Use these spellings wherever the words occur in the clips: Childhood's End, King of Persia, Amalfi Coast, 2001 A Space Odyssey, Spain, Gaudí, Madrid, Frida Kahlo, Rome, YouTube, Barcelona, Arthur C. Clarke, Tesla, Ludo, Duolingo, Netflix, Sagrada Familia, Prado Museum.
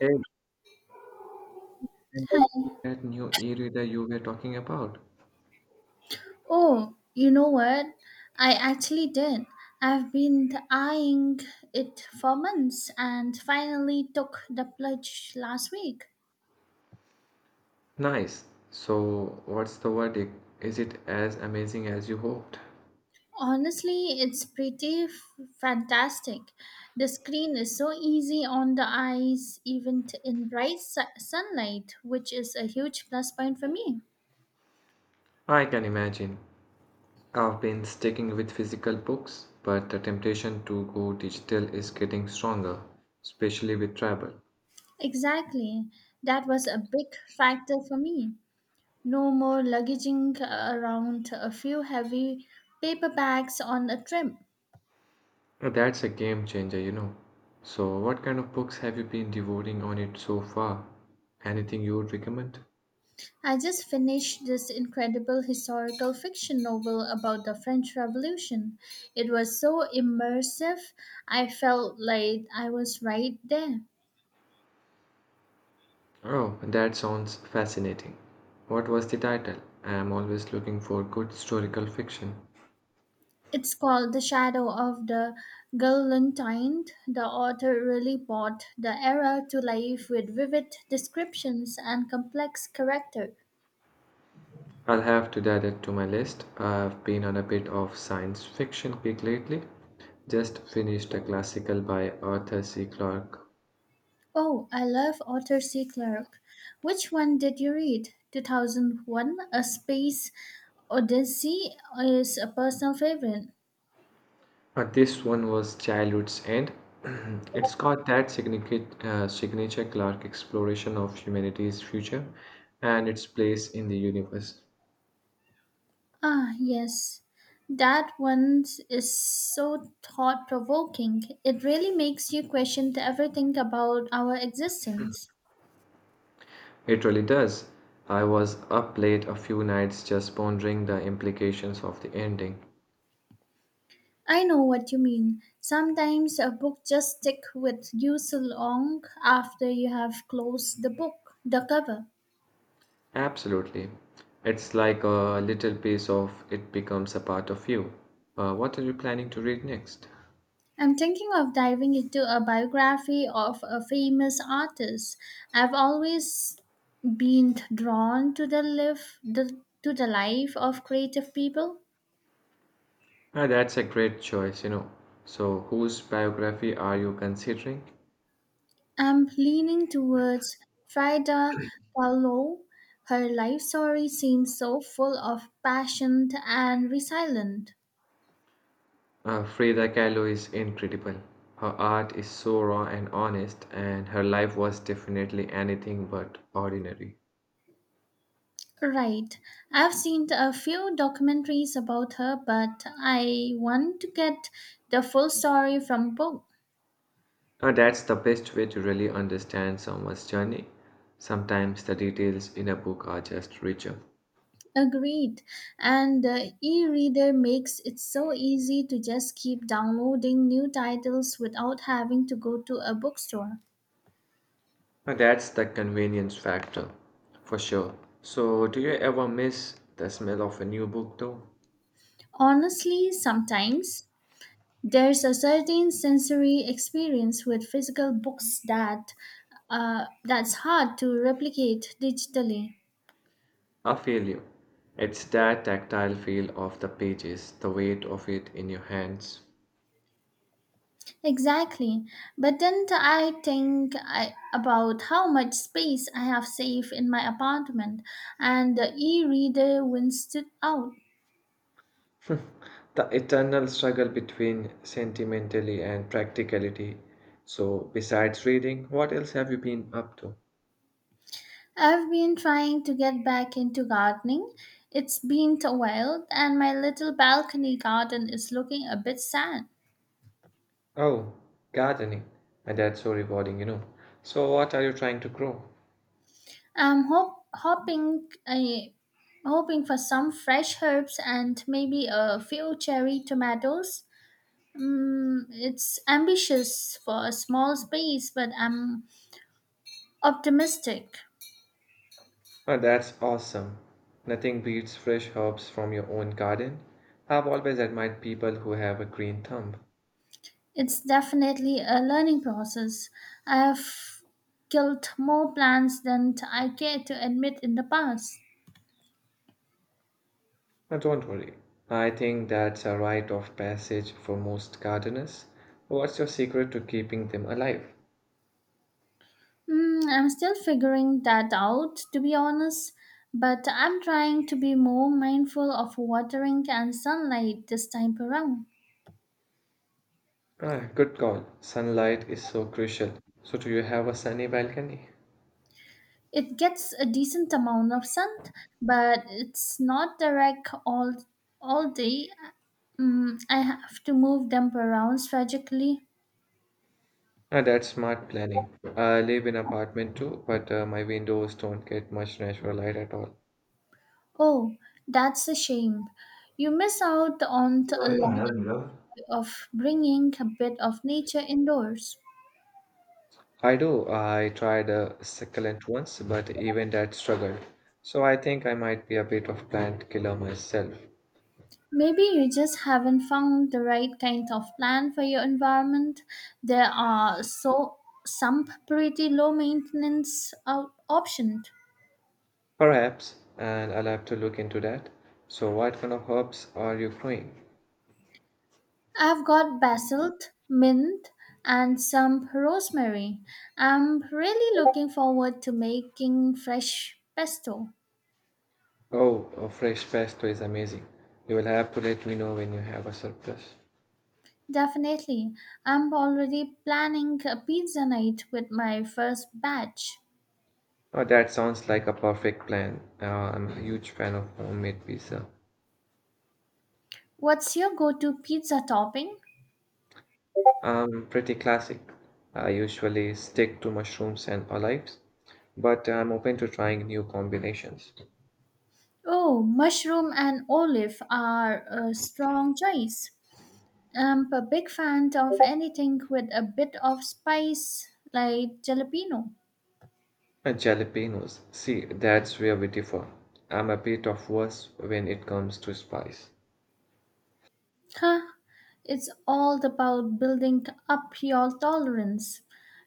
Exactly, that new e-reader you were talking about. Oh, you know what? I actually did. I've been eyeing it for months and finally took the plunge last week. Nice. So, what's the verdict? Is it as amazing as you hoped? Honestly, it's pretty fantastic. The screen is so easy on the eyes, even in bright sunlight, which is a huge plus point for me. I can imagine. I've been sticking with physical books, but the temptation to go digital is getting stronger, especially with travel. Exactly. That was a big factor for me. No more luggaging around a few heavy paper bags on a trip. That's a game changer, you know. So, what kind of books have you been devouring on it so far? Anything you would recommend? I just finished this incredible historical fiction novel about the French Revolution. It was so immersive, I felt like I was right there. Oh, that sounds fascinating. What was the title? I am always looking for good historical fiction. It's called The Shadow of the Galantine. The author really brought the era to life with vivid descriptions and complex character. I'll have to add it to my list. I've been on a bit of science fiction kick lately. Just finished a classical by Arthur C. Clarke. Oh, I love Arthur C. Clarke. Which one did you read? 2001 A Space Odyssey is a personal favorite. This one was Childhood's End. It's got that signature Clarke exploration of humanity's future and its place in the universe. Ah, yes. That one is so thought provoking. It really makes you question everything about our existence. It really does. I was up late a few nights just pondering the implications of the ending. I know what you mean. Sometimes a book just stick with you so long after you have closed the book, the cover. Absolutely. It's like a little piece of it becomes a part of you. What are you planning to read next? I'm thinking of diving into a biography of a famous artist. I've always been drawn to to the life of creative people. Ah, that's a great choice, you know. So, whose biography are you considering? I'm leaning towards Frida Kahlo. Her life story seems so full of passion and resilience. Frida Kahlo is incredible. Her art is so raw and honest, and her life was definitely anything but ordinary. Right. I've seen a few documentaries about her, but I want to get the full story from book. That's the best way to really understand someone's journey. Sometimes the details in a book are just richer. Agreed. And the e reader makes it so easy to just keep downloading new titles without having to go to a bookstore. That's the convenience factor, for sure. So, do you ever miss the smell of a new book, though? Honestly, sometimes there's a certain sensory experience with physical books that's hard to replicate digitally. I feel you. It's that tactile feel of the pages, the weight of it in your hands, Exactly. But then I think about how much space I have saved in my apartment, and the e reader wins stood out. the eternal struggle between sentimentality and practicality. So, besides reading, what else have you been up to? I've been trying to get back into gardening. It's been a while, and my little balcony garden is looking a bit sad. Oh, gardening. And that's so rewarding, you know. So, what are you trying to grow? I'm hoping for some fresh herbs and maybe a few cherry tomatoes. Mm, it's ambitious for a small space, but I'm optimistic. Oh, that's awesome. Nothing beats fresh herbs from your own garden. I've always admired people who have a green thumb. It's definitely a learning process. I've killed more plants than I care to admit in the past. Now, don't worry. I think that's a rite of passage for most gardeners. What's your secret to keeping them alive? Hmm, I'm still figuring that out, to be honest, but I'm trying to be more mindful of watering and sunlight this time around. Ah, good call. Sunlight is so crucial. So, do you have a sunny balcony? It gets a decent amount of sun, but it's not direct all day. Mm, I have to move them around strategically. Ah, that's smart planning. I live in apartment too, but my windows don't get much natural light at all. Oh, that's a shame. You miss out on a lot of bringing a bit of nature indoors. I do. I tried a succulent once, but even that struggled. So I think I might be a bit of plant killer myself. Maybe you just haven't found the right kind of plant for your environment. There are so some pretty low maintenance options. Perhaps, and I'll have to look into that. So what kind of herbs are you growing? I've got basil, mint, and some rosemary. I'm really looking forward to making fresh pesto. Oh, a fresh pesto is amazing. You will have to let me know when you have a surplus. Definitely. I'm already planning a pizza night with my first batch. Oh, that sounds like a perfect plan. I'm a huge fan of homemade pizza. What's your go to pizza topping? Pretty classic. I usually stick to mushrooms and olives, but I'm open to trying new combinations. Oh, mushroom and olive are a strong choice. I'm a big fan of anything with a bit of spice, like jalapeno. And jalapenos. See, that's where we differ. I'm a bit of worse when it comes to spice. Huh, it's all about building up your tolerance.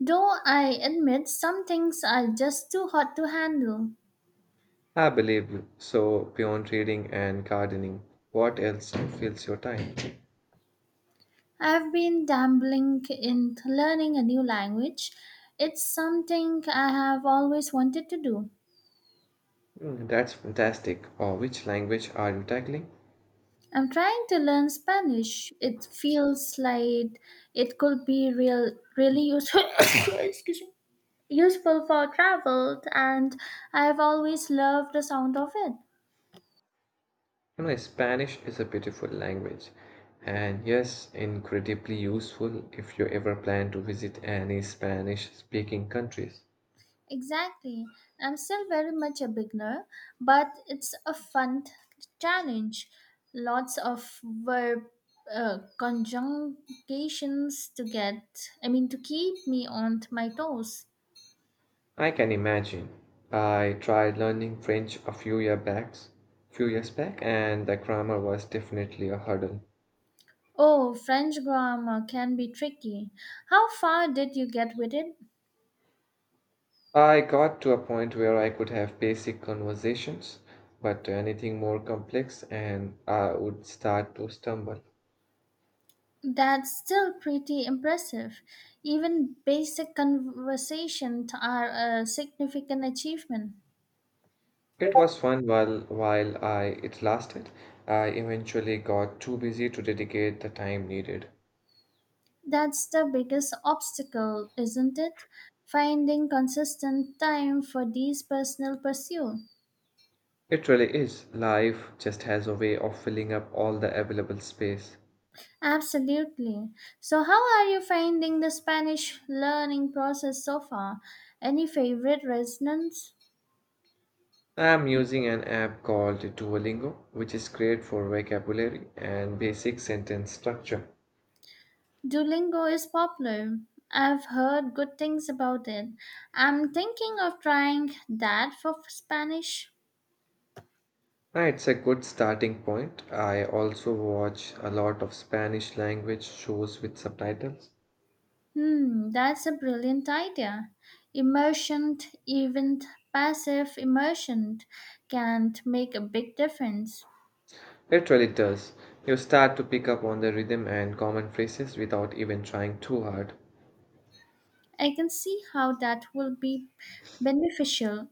Though I admit some things are just too hot to handle. I believe you. So, beyond reading and gardening, what else fills your time? I've been dabbling in learning a new language. It's something I have always wanted to do. Mm, that's fantastic. Or which language are you tackling? I'm trying to learn Spanish. It feels like it could be really useful. excuse me, useful for travel, and I've always loved the sound of it. You know, Spanish is a beautiful language, and yes, incredibly useful if you ever plan to visit any Spanish-speaking countries. Exactly. I'm still very much a beginner, but it's a fun challenge. Lots of verb conjugations to get. I mean, to keep me on my toes. I can imagine. I tried learning French a few year backs, few years back, and the grammar was definitely a hurdle. Oh, French grammar can be tricky. How far did you get with it? I got to a point where I could have basic conversations, but anything more complex, and I would start to stumble. That's still pretty impressive. Even basic conversations are a significant achievement. It was fun while I it lasted. I eventually got too busy to dedicate the time needed. That's the biggest obstacle, isn't it? Finding consistent time for these personal pursuits. It really is. Life just has a way of filling up all the available space. Absolutely. So, how are you finding the Spanish learning process so far? Any favorite resonance? I am using an app called Duolingo, which is great for vocabulary and basic sentence structure. Duolingo is popular. I've heard good things about it. I'm thinking of trying that for Spanish. It's a good starting point. I also watch a lot of Spanish language shows with subtitles. Hmm, that's a brilliant idea. Immersion, even passive immersion, can make a big difference. It really does. You start to pick up on the rhythm and common phrases without even trying too hard. I can see how that will be beneficial.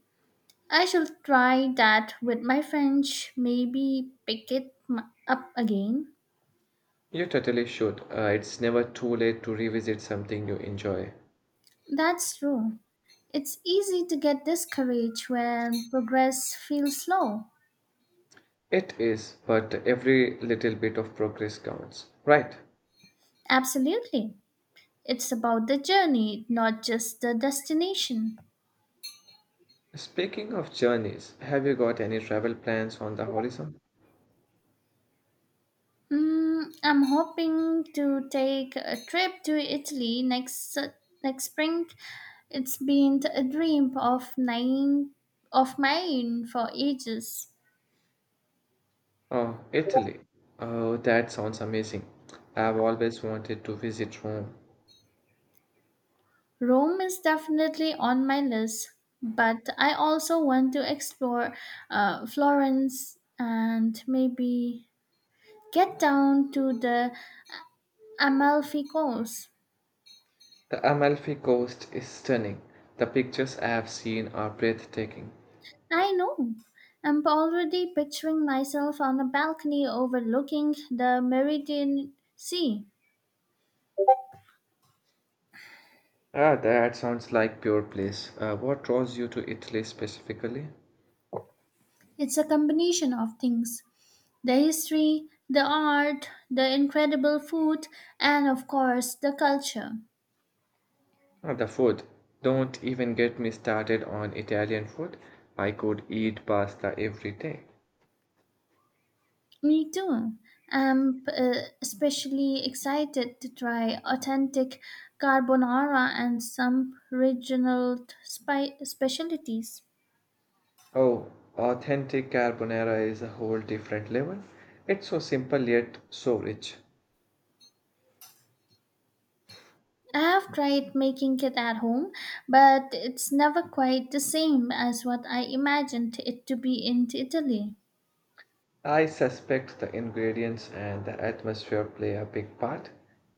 I shall try that with my French, maybe pick it up again. You totally should. It's never too late to revisit something you enjoy. That's true. It's easy to get discouraged when progress feels slow. It is, but every little bit of progress counts. Right. Absolutely. It's about the journey, not just the destination. Speaking of journeys, have you got any travel plans on the horizon? Mm, I'm hoping to take a trip to Italy next spring. It's been a dream of nine of mine for ages. Oh, Italy. Oh, that sounds amazing. I've always wanted to visit Rome. Rome is definitely on my list, but I also want to explore Florence and maybe get down to the Amalfi Coast. The Amalfi Coast is stunning. The pictures I have seen are breathtaking. I know. I'm already picturing myself on a balcony overlooking the Meridian Sea. Ah, that sounds like pure bliss. What draws you to Italy specifically? It's a combination of things the history, the art, the incredible food, and of course, the culture. Ah, the food. Don't even get me started on Italian food. I could eat pasta every day. Me too. I'm especially excited to try authentic carbonara and some regional specialties. Oh, authentic carbonara is a whole different level. It's so simple yet so rich. I have tried making it at home, but it's never quite the same as what I imagined it to be in Italy. I suspect the ingredients and the atmosphere play a big part.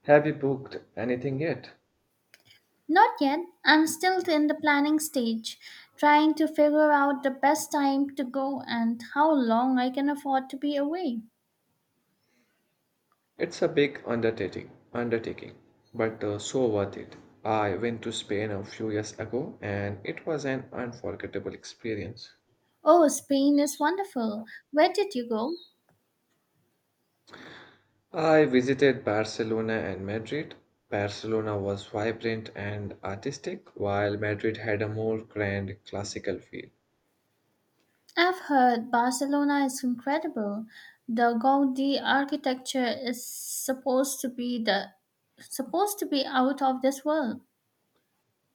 Have you booked anything yet? Not yet. I'm still in the planning stage, trying to figure out the best time to go and how long I can afford to be away. It's a big undertaking, but so worth it. I went to Spain a few years ago and it was an unforgettable experience. Oh, Spain is wonderful. Where did you go? I visited Barcelona and Madrid. Barcelona was vibrant and artistic, while Madrid had a more grand classical feel. I've heard Barcelona is incredible. The Gaudi architecture is supposed to be out of this world.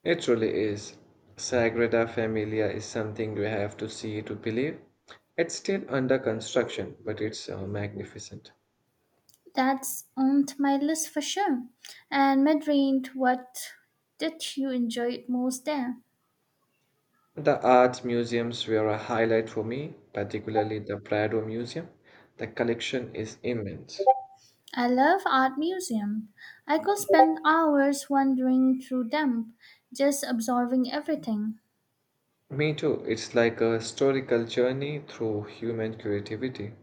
It truly is. Sagrada Familia is something you have to see to believe. It's still under construction, but it's magnificent. That's on my list for sure. And Madrid, what did you enjoy most there? The art museums were a highlight for me, particularly the Prado Museum. The collection is immense. I love art museum. I could spend hours wandering through them, just absorbing everything. Me too, it's like a historical journey through human creativity.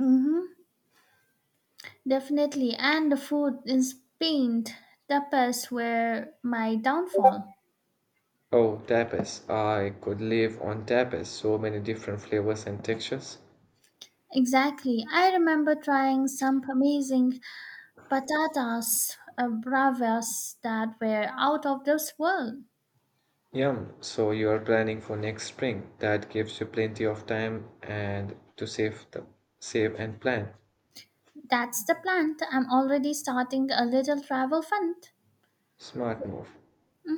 Mm-hmm. Definitely. And the food in Spain, tapas were my downfall. Oh, tapas. I could live on tapas, so many different flavors and textures. Exactly. I remember trying some amazing patatas bravas that were out of this world. Yum, so you are planning for next spring. That gives you plenty of time and to save the save and plan. That's the plant. I'm already starting a little travel fund. Smart move. Mhm.